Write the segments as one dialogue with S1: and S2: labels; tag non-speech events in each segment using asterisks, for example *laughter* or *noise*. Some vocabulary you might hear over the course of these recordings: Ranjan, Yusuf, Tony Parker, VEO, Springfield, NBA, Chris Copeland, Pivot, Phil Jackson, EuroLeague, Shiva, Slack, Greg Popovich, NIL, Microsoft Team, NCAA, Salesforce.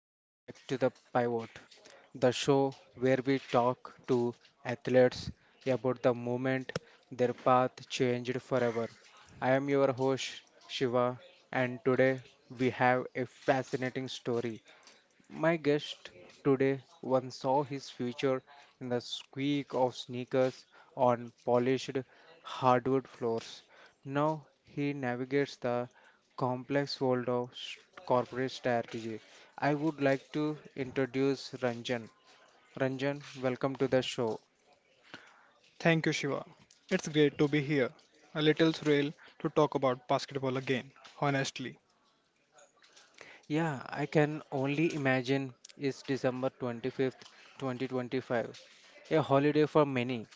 S1: welcome back to the Pivot, the show where we talk to athletes about the moment their path changed forever. I am your host Shiva, and today we have a fascinating story. My guest today once saw his future in the squeak of sneakers on polished hardwood floors. Now he navigates the complex world of corporate strategy. I would like to introduce Ranjan. Ranjan, welcome to the show.
S2: Thank you, Shiva. It's great to be here. A little thrill to talk about basketball again, honestly.
S1: Yeah, I can only imagine it's December 25th, 2025, a holiday for many,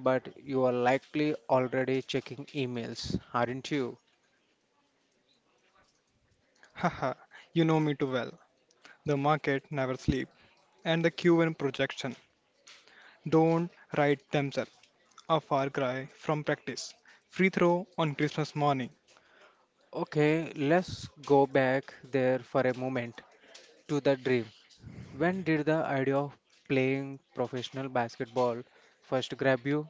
S1: but you are likely already checking emails, aren't you?
S2: *laughs* Haha, you know me too well. The market never sleeps, and the Q1 projection don't write themselves a far cry from practice. Free throw on Christmas morning.
S1: Okay, let's go back there for a moment to the dream. When did the idea of playing professional basketball first grab you?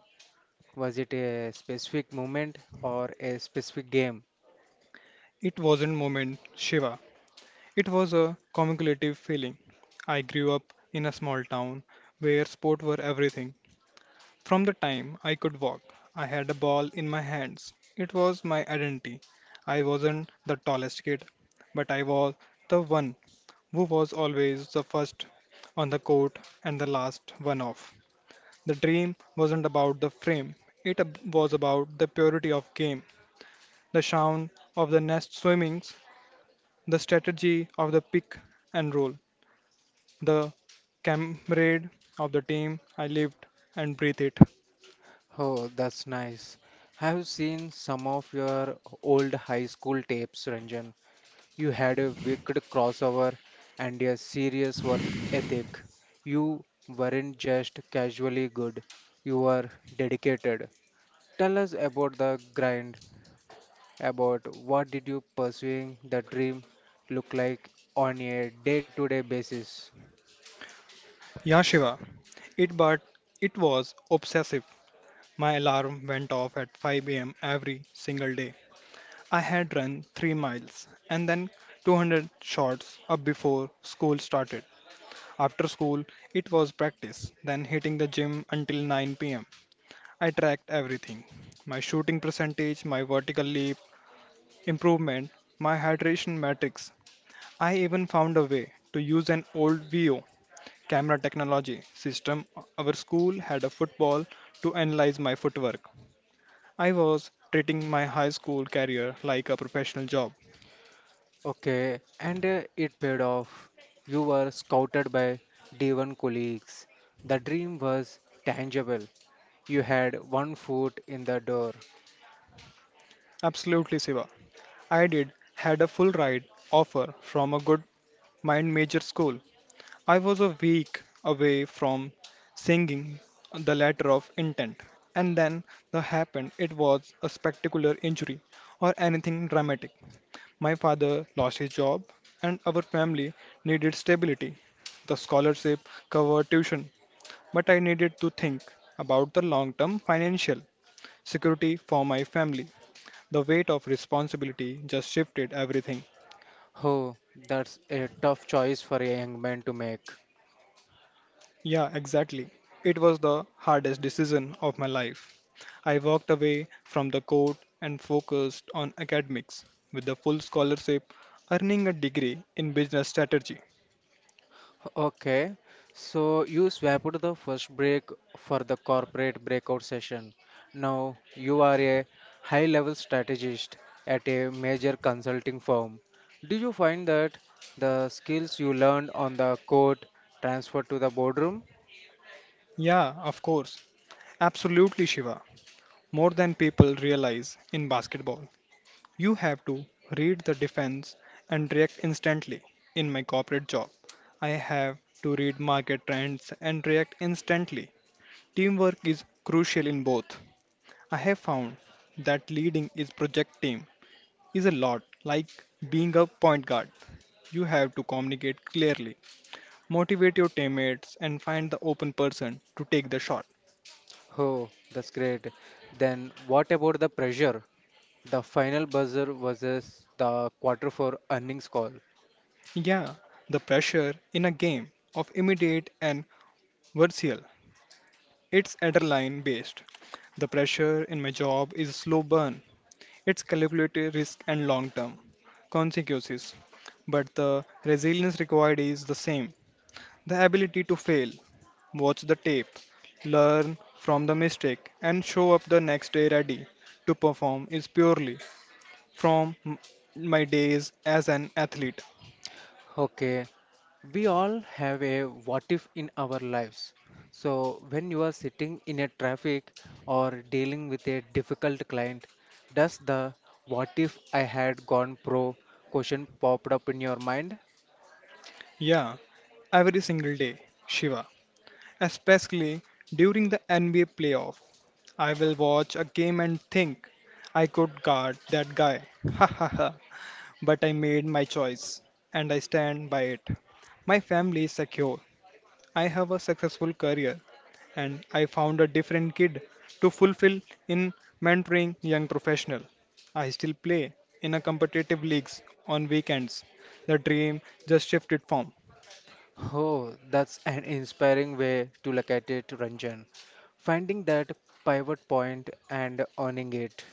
S1: Was it a specific moment or a specific game?
S2: It wasn't moment, Shiva. It was a cumulative feeling. I grew up in a small town where sport were everything from the time I could walk. I had a ball in my hands. It was my identity. I wasn't the tallest kid, but I was the one who was always the first on the court and the last one off. The dream wasn't about the frame, was about the purity of game, the sound of the nest swimmings, the strategy of the pick and roll, the comrade of the team. I lived and breathed it.
S1: Oh, that's nice. Have you seen some of your old high school tapes, Ranjan? You had a wicked crossover and a serious work ethic. You weren't just casually good, you were dedicated. Tell us about the grind, about what did you pursuing the dream look like on a day-to-day basis.
S2: Yeah, Shiva, It but it was obsessive. My alarm went off at 5 a.m. every single day. I had run 3 miles and then 200 shots up before school started. After school, it was practice, then hitting the gym until 9 p.m. I tracked everything. My shooting percentage, my vertical leap improvement, my hydration metrics. I even found a way to use an old VO camera technology system, our school had a football to analyze my footwork. I was treating my high school career like a professional job.
S1: Okay, and it paid off. You were scouted by D1 colleagues. The dream was tangible. You had one foot in the door.
S2: Absolutely, Siva. I did had a full ride offer from a good mind major school. I was a week away from singing the letter of intent. And then the happened it was a spectacular injury or anything dramatic. My father lost his job, and our family needed stability. The scholarship covered tuition, but I needed to think about the long term financial security for my family. The weight of responsibility just shifted everything.
S1: Oh, that's a tough choice for a young man to make.
S2: Yeah, exactly. It was the hardest decision of my life. I walked away from the court and focused on academics with the full scholarship, earning a degree in business strategy.
S1: Okay, so you swapped the first break for the corporate breakout session. Now you are a high level strategist at a major consulting firm. Do you find that the skills you learned on the court transfer to the boardroom?
S2: Yeah, of course. Absolutely, Shiva. More than people realize in basketball. You have to read the defense and react instantly. In my corporate job, I have to read market trends and react instantly. Teamwork is crucial in both. I have found that leading is project team is a lot like being a point guard. You have to communicate clearly, motivate your teammates, and find the open person to take the shot.
S1: Oh, that's great. Then what about the pressure? The final buzzer versus the quarter four earnings call.
S2: Yeah, the pressure in a game of immediate and versatile, it's adrenaline based. The pressure in my job is slow burn. It's calculated risk and long term consequences. But the resilience required is the same. The ability to fail, watch the tape, learn from the mistake, and show up the next day ready to perform is purely from m- my days as an athlete.
S1: Okay, we all have a what if in our lives. So, when you are sitting in a traffic or dealing with a difficult client, does the what if I had gone pro question popped up in your mind?
S2: Yeah, every single day, Shiva, especially during the NBA playoff I will watch a game and think I could guard that guy. *laughs* Ha ha ha. But I made my choice and I stand by it. My family is secure. I have a successful career and I found a different kid to fulfill in mentoring young professional. I still play in a competitive leagues on weekends. The dream just shifted form.
S1: Oh, that's an inspiring way to look at it, Ranjan. Finding that pivot point and owning it.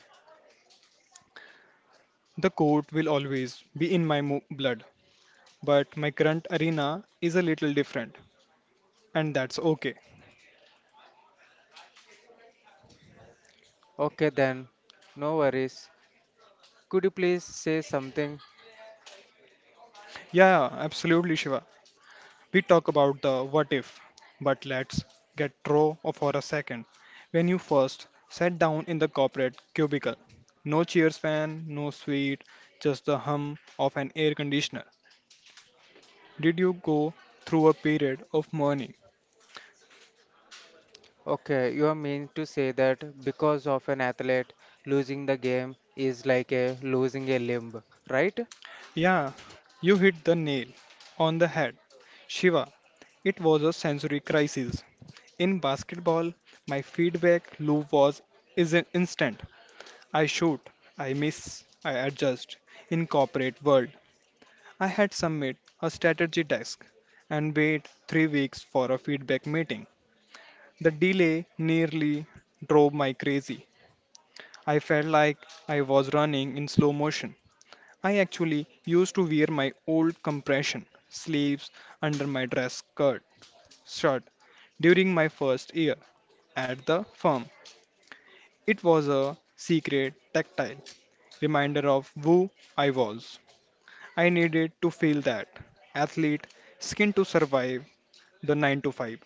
S2: The court will always be in blood, but my current arena is a little different and that's okay.
S1: Okay, then, no worries. Could you please say something.
S2: Yeah, absolutely, Shiva. We talk about the what if, but let's get raw for a second. When you first sat down in the corporate cubicle, no cheers fan, no sweet, just the hum of an air conditioner. Did you go through a period of mourning?
S1: Okay, you are meaning to say that because of an athlete, losing the game is like a losing a limb, right?
S2: Yeah, you hit the nail on the head. Shiva, it was a sensory crisis. In basketball, my feedback loop was is instant. I shoot, I miss, I adjust. In corporate world, I had submit a strategy task and wait 3 weeks for a feedback meeting. The delay nearly drove me crazy. I felt like I was running in slow motion. I actually used to wear my old compression sleeves under my dress skirt shirt during my first year at the firm. It was a secret tactile reminder of who I was. I needed to feel that athlete skin to survive the 9 to 5.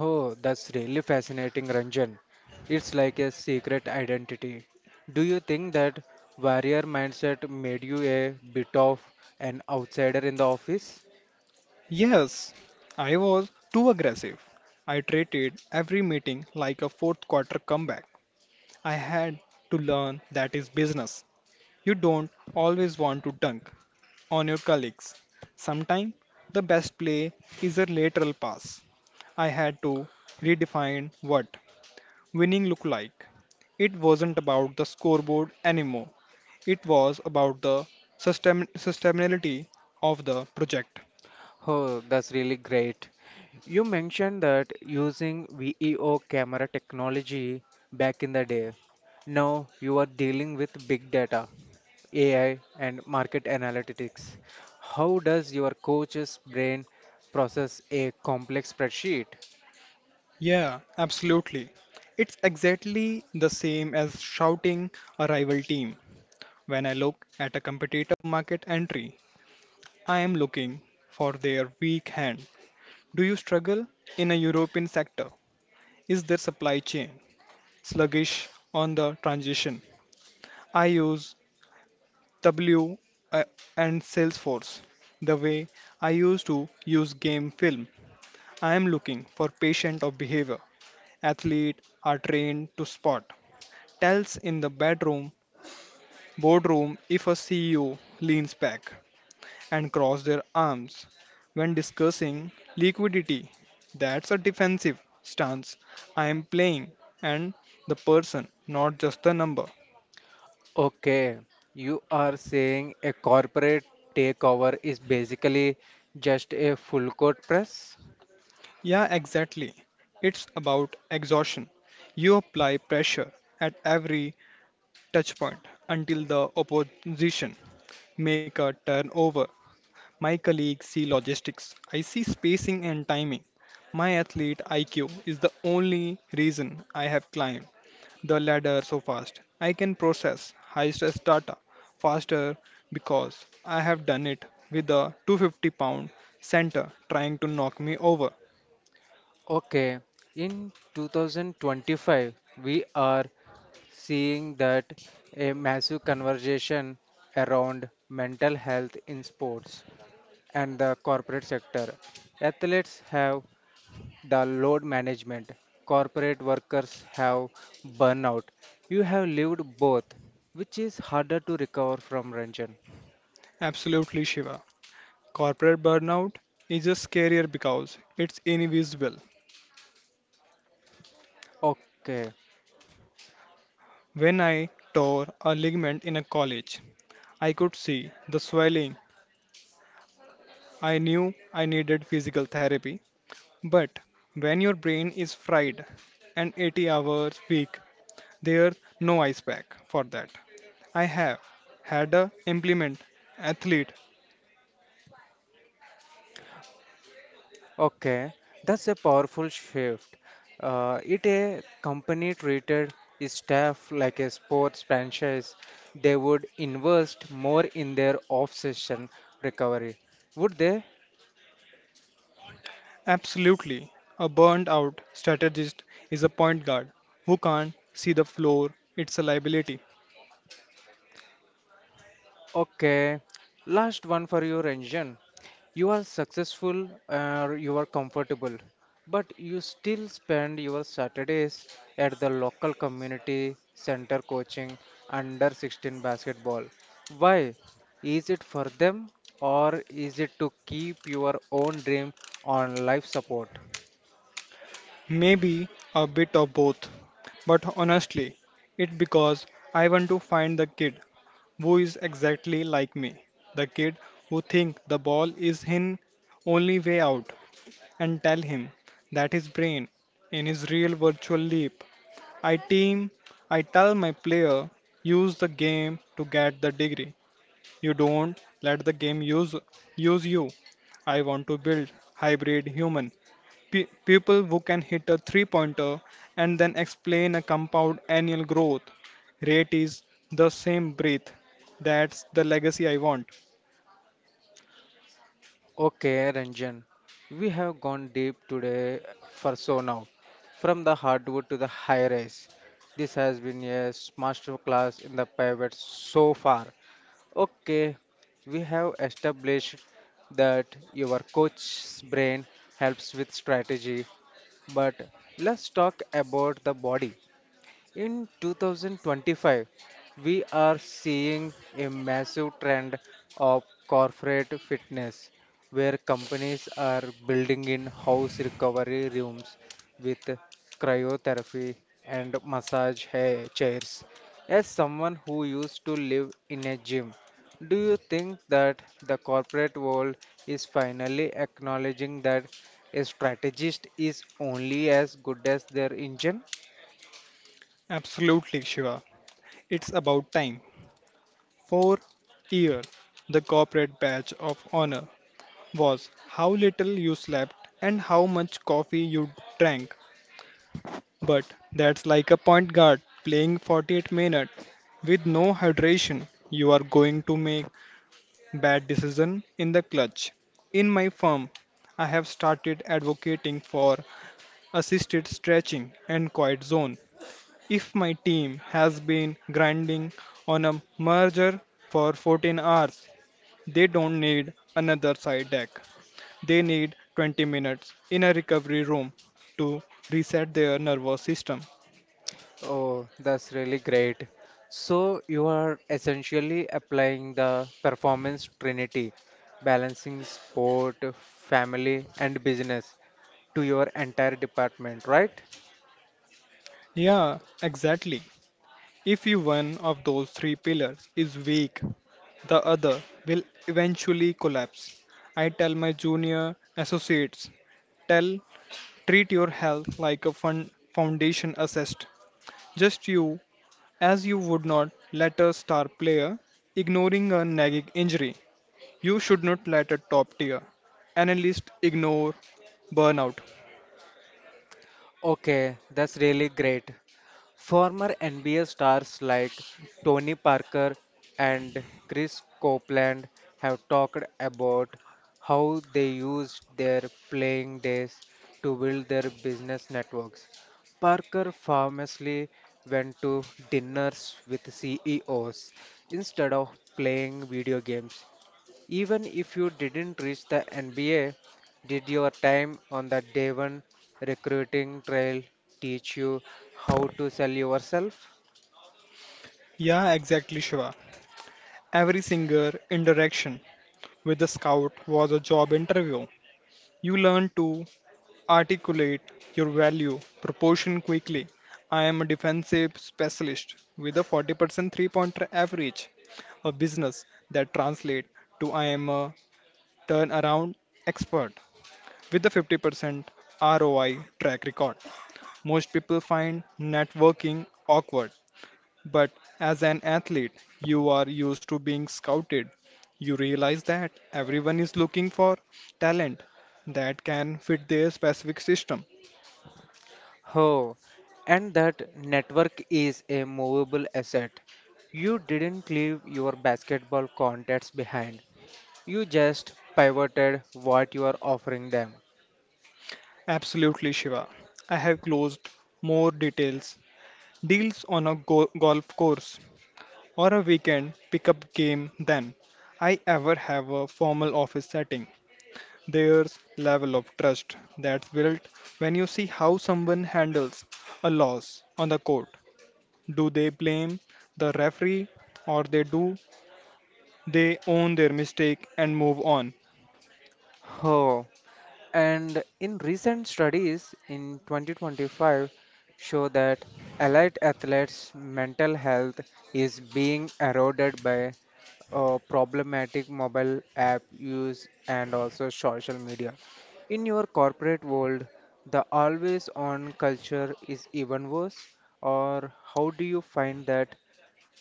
S1: Oh, that's really fascinating, Ranjan. It's like a secret identity. Do you think that warrior mindset made you a bit of an outsider in the office?
S2: Yes, I was too aggressive. I treated every meeting like a fourth quarter comeback. I had to learn that is business. You don't always want to dunk on your colleagues. Sometimes the best play is a lateral pass. I had to redefine what winning looked like. It wasn't about the scoreboard anymore. It was about the sustainability of the project.
S1: Oh, that's really great. You mentioned that using VEO camera technology back in the day. Now you are dealing with big data, AI, and market analytics. How does your coach's brain process a complex spreadsheet?
S2: Yeah, absolutely. It's exactly the same as shouting a rival team. When I look at a competitor market entry, I am looking for their weak hand. Do you struggle in a European sector? Is their supply chain sluggish on the transition? I use W uh, and Salesforce the way I used to use game film. I am looking for patient of behavior. Athlete are trained to spot. Tells in the bedroom, boardroom if a CEO leans back and cross their arms when discussing liquidity. That's a defensive stance. I am playing and the person, not just the number.
S1: Okay, you are saying a corporate takeover is basically just a full court press?
S2: Yeah, exactly. It's about exhaustion. You apply pressure at every touchpoint until the opposition make a turnover. My colleagues see logistics. I see spacing and timing. My athlete IQ is the only reason I have climbed the ladder so fast. I can process high stress data faster because I have done it with a 250 pound center trying to knock me over.
S1: Okay, in 2025, we are seeing that a massive conversation around mental health in sports and the corporate sector. Athletes have the load management. Corporate workers have burnout. You have lived both, which is harder to recover from, Ranjan.
S2: Absolutely, Shiva. Corporate burnout is just scarier because it's invisible.
S1: Okay,
S2: When I tore a ligament in a college, I could see the swelling. I knew I needed physical therapy. But when your brain is fried and 80 hours a week, there's no ice pack for that. I have had a implement athlete,
S1: okay, that's a powerful shift. It a company treated its staff like a sports franchise. They would invest more in their off-season recovery, would they?
S2: absolutely. A burned out strategist is a point guard who can't see the floor. It's a liability.
S1: Okay, last one for you, Ranjan. You are successful or you are comfortable, but you still spend your Saturdays at the local community center coaching under 16 basketball. Why? Is it for them or is it to keep your own dream on life support?
S2: Maybe a bit of both. But honestly, it's because I want to find the kid who is exactly like me. The kid who thinks the ball is his only way out and tell him that his brain in his real virtual leap. I team I tell my player use the game to get the degree, you don't let the game use you. I want to build hybrid human. People who can hit a three pointer and then explain a compound annual growth rate is the same breath. That's the legacy I want.
S1: Okay, Ranjan, we have gone deep today for so now, from the hardwood to the high rise. This has been a master class in the pivot so far. Okay, we have established that your coach's brain helps with strategy, but let's talk about the body. In 2025, we are seeing a massive trend of corporate fitness where companies are building in house recovery rooms with cryotherapy and massage chairs. As someone who used to live in a gym, do you think that the corporate world is finally acknowledging that a strategist is only as good as their engine?
S2: Absolutely, Shiva. It's about time. For years, the corporate badge of honor was how little you slept and how much coffee you drank. But that's like a point guard playing 48 minutes with no hydration. You are going to make bad decision in the clutch. In my firm, I have started advocating for assisted stretching and quiet zone. If my team has been grinding on a merger for 14 hours, they don't need another side deck. They need 20 minutes in a recovery room to reset their nervous system.
S1: Oh, that's really great. So you are essentially applying the performance trinity, balancing sport, family, and business to your entire department, right?
S2: Yeah, exactly. If you one of those three pillars is weak, the other will eventually collapse. I tell my junior associates, tell treat your health like a fund, foundation assessed. Just you as you would not let a star player ignoring a nagging injury. You should not let a top tier analyst ignore burnout.
S1: Okay, that's really great. Former NBA stars like Tony Parker and Chris Copeland have talked about how they used their playing days to build their business networks. Parker famously went to dinners with CEOs instead of playing video games. Even if you didn't reach the NBA, did your time on the Devon recruiting trail teach you how to sell yourself?
S2: Yeah, exactly, Shiva. Every single indirection with the scout was a job interview. You learn to articulate your value proportion quickly. I am a defensive specialist with a 40% three pointer average, a business that translates to I am a turnaround expert with a 50% ROI track record. Most people find networking awkward but as an athlete, you are used to being scouted. You realize that everyone is looking for talent that can fit their specific system.
S1: Oh, and that network is a movable asset. You didn't leave your basketball contacts behind. You just pivoted what you are offering them.
S2: Absolutely, Shiva. I have closed more details deals on a golf course or a weekend pickup game than I ever have a formal office setting. There's level of trust that's built when you see how someone handles a loss on the court. Do they blame the referee or they own their mistake and move on?
S1: Oh, and in recent studies in 2025 show that elite athletes' mental health is being eroded by problematic mobile app use and also social media. In your corporate world, the always on culture is even worse, or how do you find that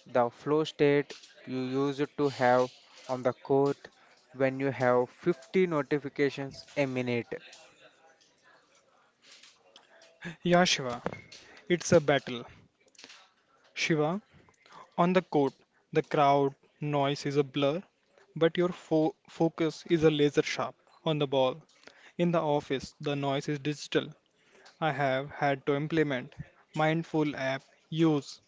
S1: the flow state you used to have on the court when you have 50 notifications a minute?
S2: Yeah, Shiva, it's a battle. Shiva, on the court, the crowd noise is a blur, but your focus is a laser sharp on the ball. In the office, the noise is digital. I have had to implement mindful app use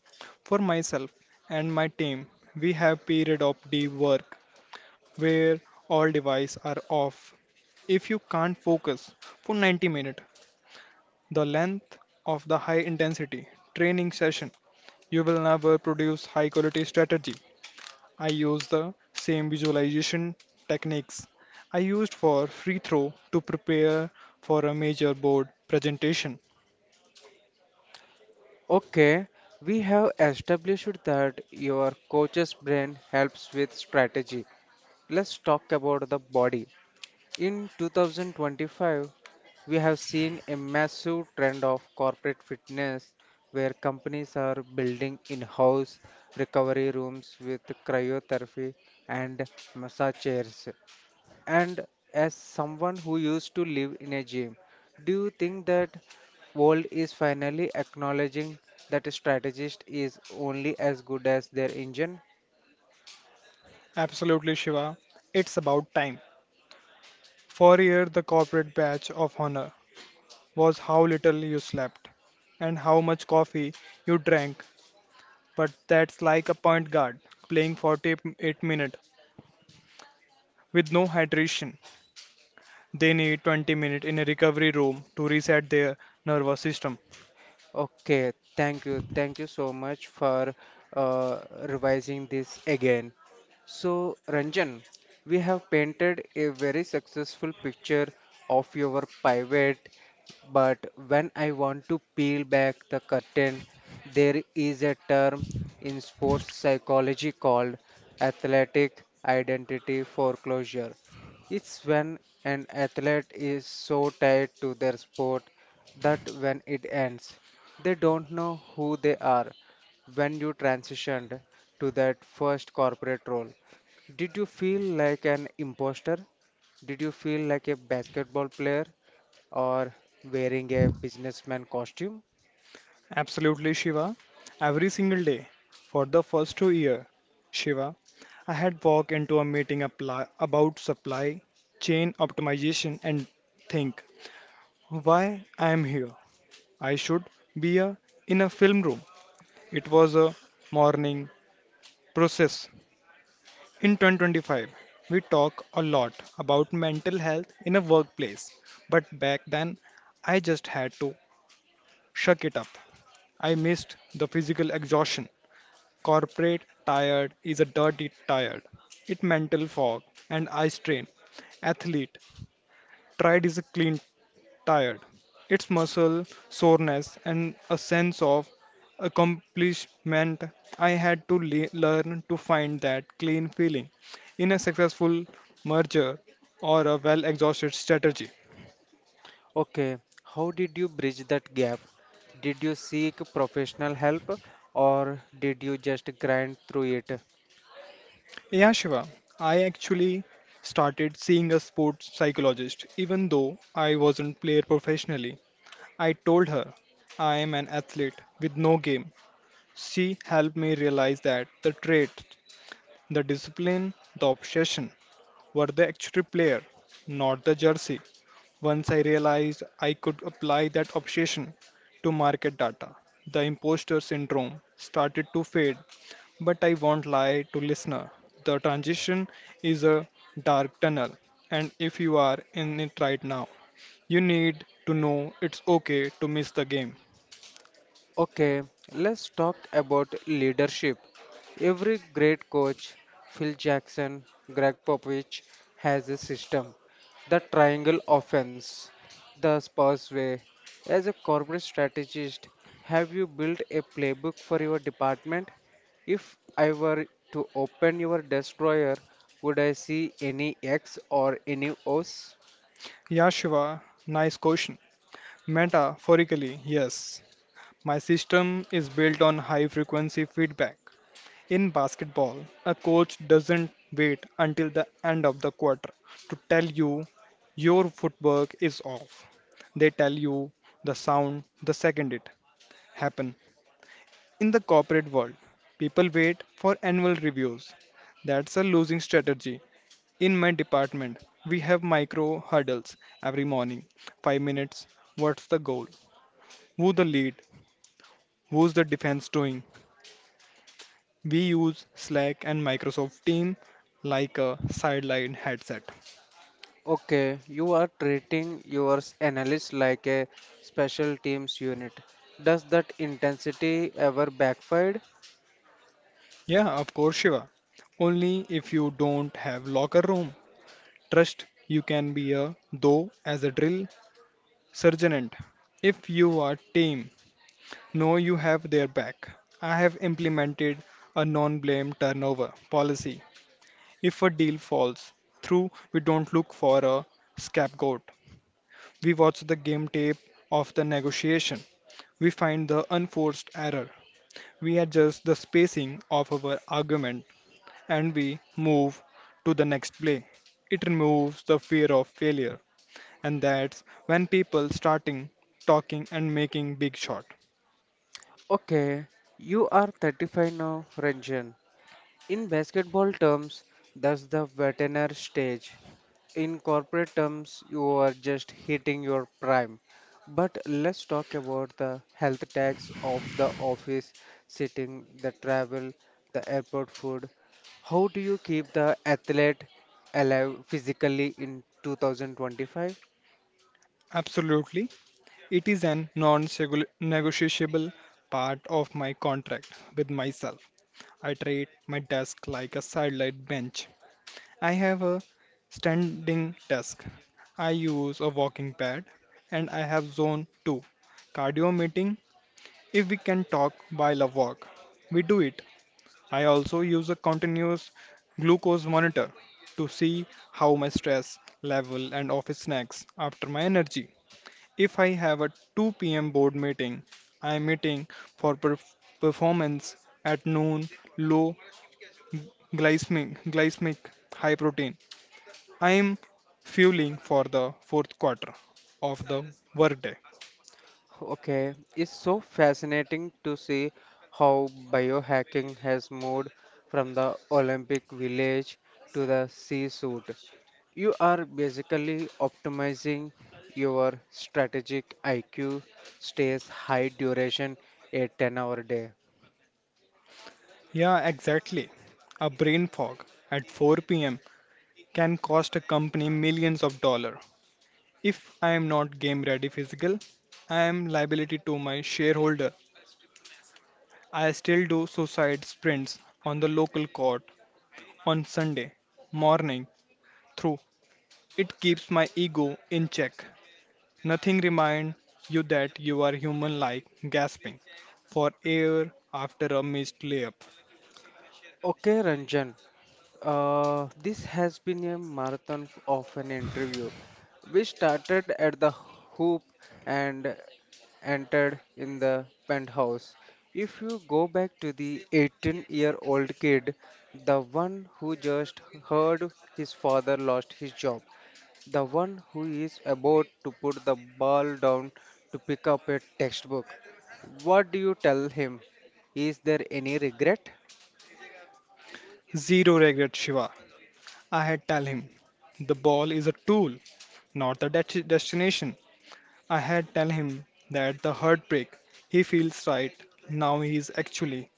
S2: for myself and my team. We have period of deep work where all devices are off. If you can't focus for 90 minutes, the length of the high intensity training session, you will never produce high quality strategy. I use the same visualization techniques I used for free throw to prepare for a major board presentation.
S1: Okay, we have established that your coach's brain helps with strategy. Let's talk about the body. In 2025, we have seen a massive trend of corporate fitness where companies are building in house recovery rooms with cryotherapy and massage chairs. And as someone who used to live in a gym, do you think that world is finally acknowledging that a strategist is only as good as their engine?
S2: Absolutely, Shiva, it's about time. For a year, the corporate badge of honor was how little you slept and how much coffee you drank, but that's like a point guard playing 48 minutes with no hydration. They need 20 minutes in a recovery room to reset their nervous system.
S1: Okay, thank you. Thank you so much for uh, revising this again. So, Ranjan, we have painted a very successful picture of your pivot, but when I want to peel back the curtain, there is a term in sports psychology called athletic identity foreclosure. It's when an athlete is so tied to their sport that when it ends, they don't know who they are. When you transitioned to that first corporate role, did you feel like an imposter? Did you feel like a basketball player or wearing a businessman costume?
S2: Absolutely, Shiva. Every single day for the first 2 years, Shiva, I had walked into a meeting apply, about supply chain optimization and think why I am here. I should be a, in a film room. It was a morning process. In 2025, we talk a lot about mental health in a workplace, but back then I just had to shuck it up. I missed the physical exhaustion. Corporate tired is a dirty tired. It mental fog and eye strain. Athlete tried is a clean tired. It's muscle soreness and a sense of accomplishment. I had to learn to find that clean feeling in a successful merger or a well exhausted strategy.
S1: Okay, how did you bridge that gap? Did you seek professional help or did you just grind through it?
S2: Yeah, Shiva, I actually started seeing a sports psychologist even though I wasn't player professionally. I told her I am an athlete with no game. She helped me realize that the trait, the discipline, the obsession were the actual player, not the jersey. Once I realized I could apply that obsession to market data, the imposter syndrome started to fade. But I won't lie to listener. The transition is a dark tunnel, and if you are in it right now, you need to know it's okay to miss the game.
S1: Okay, let's talk about leadership. Every great coach, Phil Jackson, Greg Popovich, has a system. The triangle offense, the Spurs way. As a corporate strategist, have you built a playbook for your department? If I were to open your desk drawer, would I see any X or any O's?
S2: Yeah, Shiva, nice question. Metaphorically, yes. My system is built on high frequency feedback. In basketball, a coach doesn't wait until the end of the quarter to tell you your footwork is off. They tell you the sound the second it happen. In the corporate world, people wait for annual reviews. That's a losing strategy. In my department, we have micro hurdles every morning. 5 minutes. What's the goal? Who the lead? Who's the defense doing? We use Slack and Microsoft Team like a sideline headset.
S1: Okay, you are treating your analyst like a special teams unit. Does that intensity ever backfire?
S2: Yeah, of course, Shiva. Only if you don't have locker room. Trust you can be a though as a drill sergeant. If you are team, know you have their back. I have implemented a non-blame turnover policy. If a deal falls through, we don't look for a scapegoat. We watch the game tape of the negotiation. We find the unforced error. We adjust the spacing of our argument and we move to the next play. It removes the fear of failure, and that's when people starting talking and making big shot.
S1: Okay, you are 35 now, Ranjan. In basketball terms, that's the veteran stage. In corporate terms, you are just hitting your prime. But let's talk about the health tax of the office, sitting, the travel, the airport food. How do you keep the athlete alive physically in 2025?
S2: Absolutely, it is an non-negotiable part of my contract with myself. I treat my desk like a sidelight bench. I have a standing desk. I use a walking pad and I have zone 2 cardio meeting. If we can talk while I walk, we do it. I also use a continuous glucose monitor to see how my stress level and office snacks after my energy. If I have a 2 p.m. board meeting, I am meeting for performance at noon, low glycemic, glycemic, high protein. I am fueling for the fourth quarter of the workday.
S1: Okay, it's so fascinating to see how biohacking has moved from the Olympic village to the sea suit. You are basically optimizing your strategic IQ stays high duration a 10-hour day.
S2: Yeah, exactly. A brain fog at 4 p.m. can cost a company millions of dollars. If I am not game ready physical, I am liability to my shareholder. I still do suicide sprints on the local court on Sunday morning through. It keeps my ego in check. Nothing reminds you that you are human like gasping for air after a missed layup.
S1: Okay, Ranjan, this has been a marathon of an interview. We started at the hoop and entered in the penthouse. If you go back to the 18-year-old kid, the one who just heard his father lost his job, the one who is about to put the ball down to pick up a textbook, what do you tell him? Is there any regret?
S2: Zero regret, Shiva. I had tell him the ball is a tool, not the destination. I had tell him that the heartbreak he feels right now is actually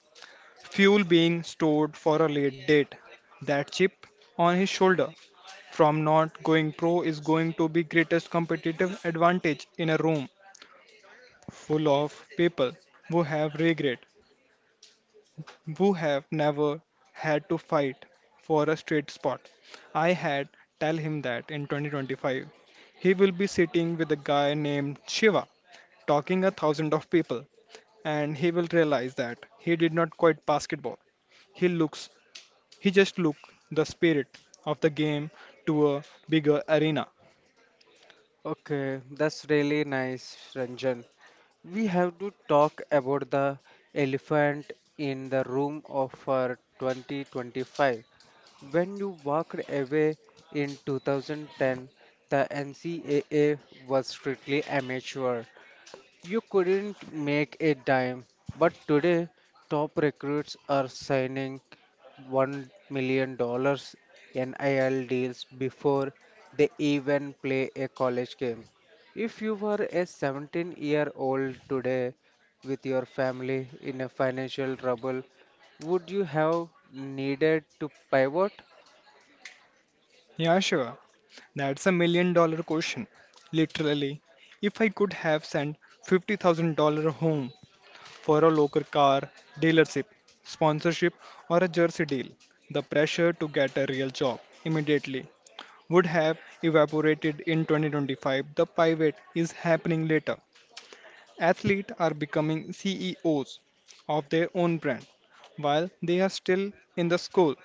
S2: fuel being stored for a late date. That chip on his shoulder from not going pro is going to be greatest competitive advantage in a room full of people who have regret, who have never had to fight for a straight spot. I had tell him that in 2025 he will be sitting with a guy named Shiva talking a thousand of people and he will realize that he did not quite basketball. He looks, he just look the spirit of the game to a bigger arena.
S1: Okay, that's really nice, Ranjan. We have to talk about the elephant in the room of our 2025. When you walked away in 2010, the NCAA was strictly amateur. You couldn't make a dime, but today top recruits are signing $1 million NIL deals before they even play a college game. If you were a 17-year-old today with your family in a financial trouble, would you have needed to pivot?
S2: Yeah, sure. That's a million dollar question. Literally, if I could have sent $50,000 home for a local car dealership, sponsorship, or a jersey deal, the pressure to get a real job immediately would have evaporated. In 2025, the pivot is happening later. Athletes are becoming CEOs of their own brand while they are still in the school.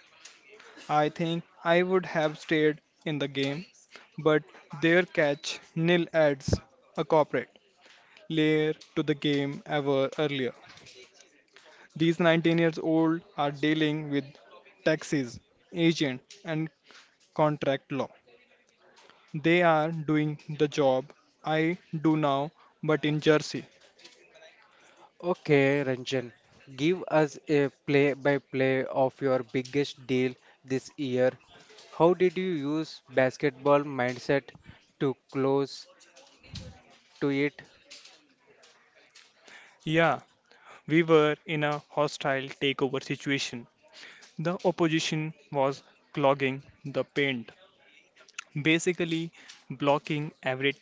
S2: I think I would have stayed in the game, but their catch nil adds a corporate layer to the game ever earlier. These 19 years old are dealing with taxes, agent, and contract law. They are doing the job I do now, but in Jersey.
S1: Okay, Ranjan, give us a play-by-play of your biggest deal this year. How did you use basketball mindset to close to it.
S2: Yeah, we were in a hostile takeover situation. The opposition was clogging the paint, basically blocking every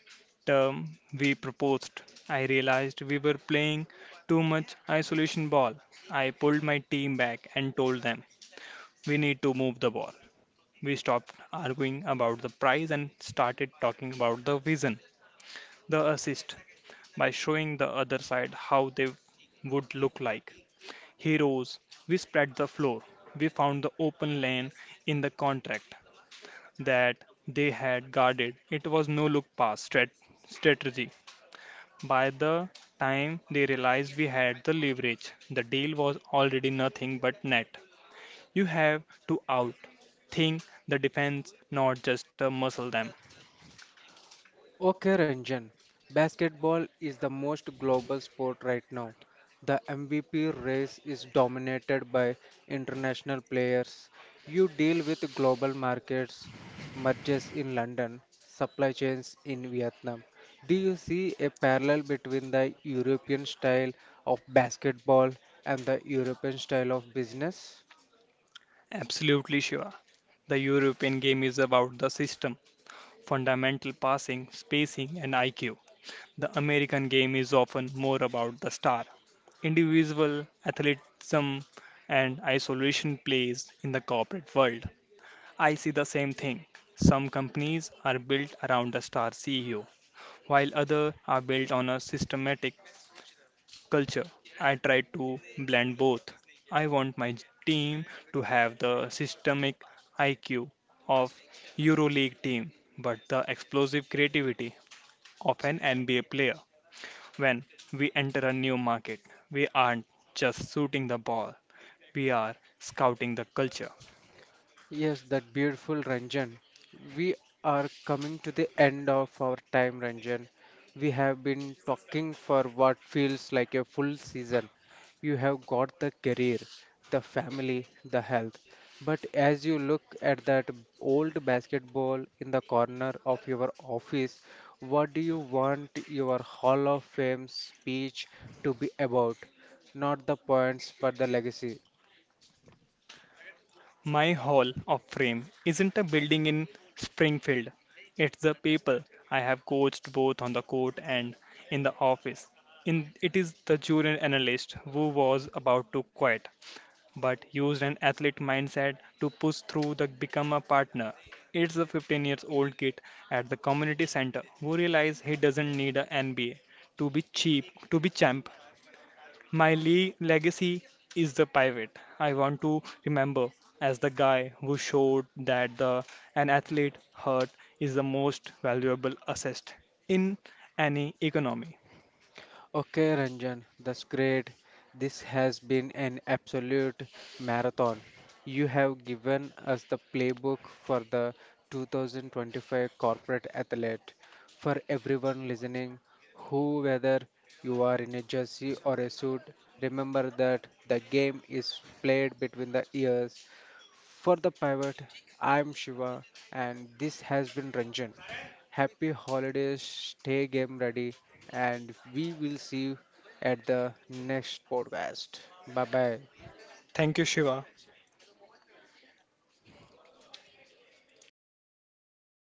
S2: term we proposed. I realized we were playing too much isolation ball. I pulled my team back and told them, we need to move the ball. We stopped arguing about the prize and started talking about the vision, the assist, by showing the other side how they would look like. Heroes, we spread the floor. We found the open lane in the contract that they had guarded. It was no look pass strategy. By the time they realized we had the leverage, the deal was already nothing but net. You have to out think the defense, not just muscle them.
S1: Okay, Ranjan. Basketball is the most global sport right now. The MVP race is dominated by international players. You deal with global markets, mergers in London, supply chains in Vietnam. Do you see a parallel between the European style of basketball and the European style of business?
S2: Absolutely sure. The European game is about the system, fundamental passing, spacing, and IQ. The American game is often more about the star, individual athletism and isolation plays in the corporate world. I see the same thing. Some companies are built around a star CEO, while others are built on a systematic culture. I try to blend both. I want my team to have the systemic IQ of EuroLeague team, but the explosive creativity of an NBA player. When we enter a new market, we aren't just shooting the ball, we are scouting the culture.
S1: Yes, that beautiful Ranjan. We are coming to the end of our time, Ranjan. We have been talking for what feels like a full season. You have got the career, the family, the health. But as you look at that old basketball in the corner of your office, what do you want your Hall of Fame speech to be about? Not the points, but the legacy.
S2: My Hall of Fame isn't a building in Springfield, it's the people I have coached both on the court and in the office. In, it is the junior analyst who was about to quit, but used an athlete mindset to push through the become a partner. It's the 15 years old kid at the community center who realized he doesn't need an NBA to be cheap to be champ. My legacy is the pivot. I want to remember as the guy who showed that the an athlete heart is the most valuable asset in any economy.
S1: Okay, Ranjan, that's great. This has been an absolute marathon. You have given us the playbook for the 2025 corporate athlete. For everyone listening, who, whether you are in a jersey or a suit, remember that the game is played between the ears. For the pivot, I'm Shiva, and this has been Ranjan. Happy holidays, stay game ready, and we will see you at the next podcast. Bye bye.
S2: Thank you, Shiva,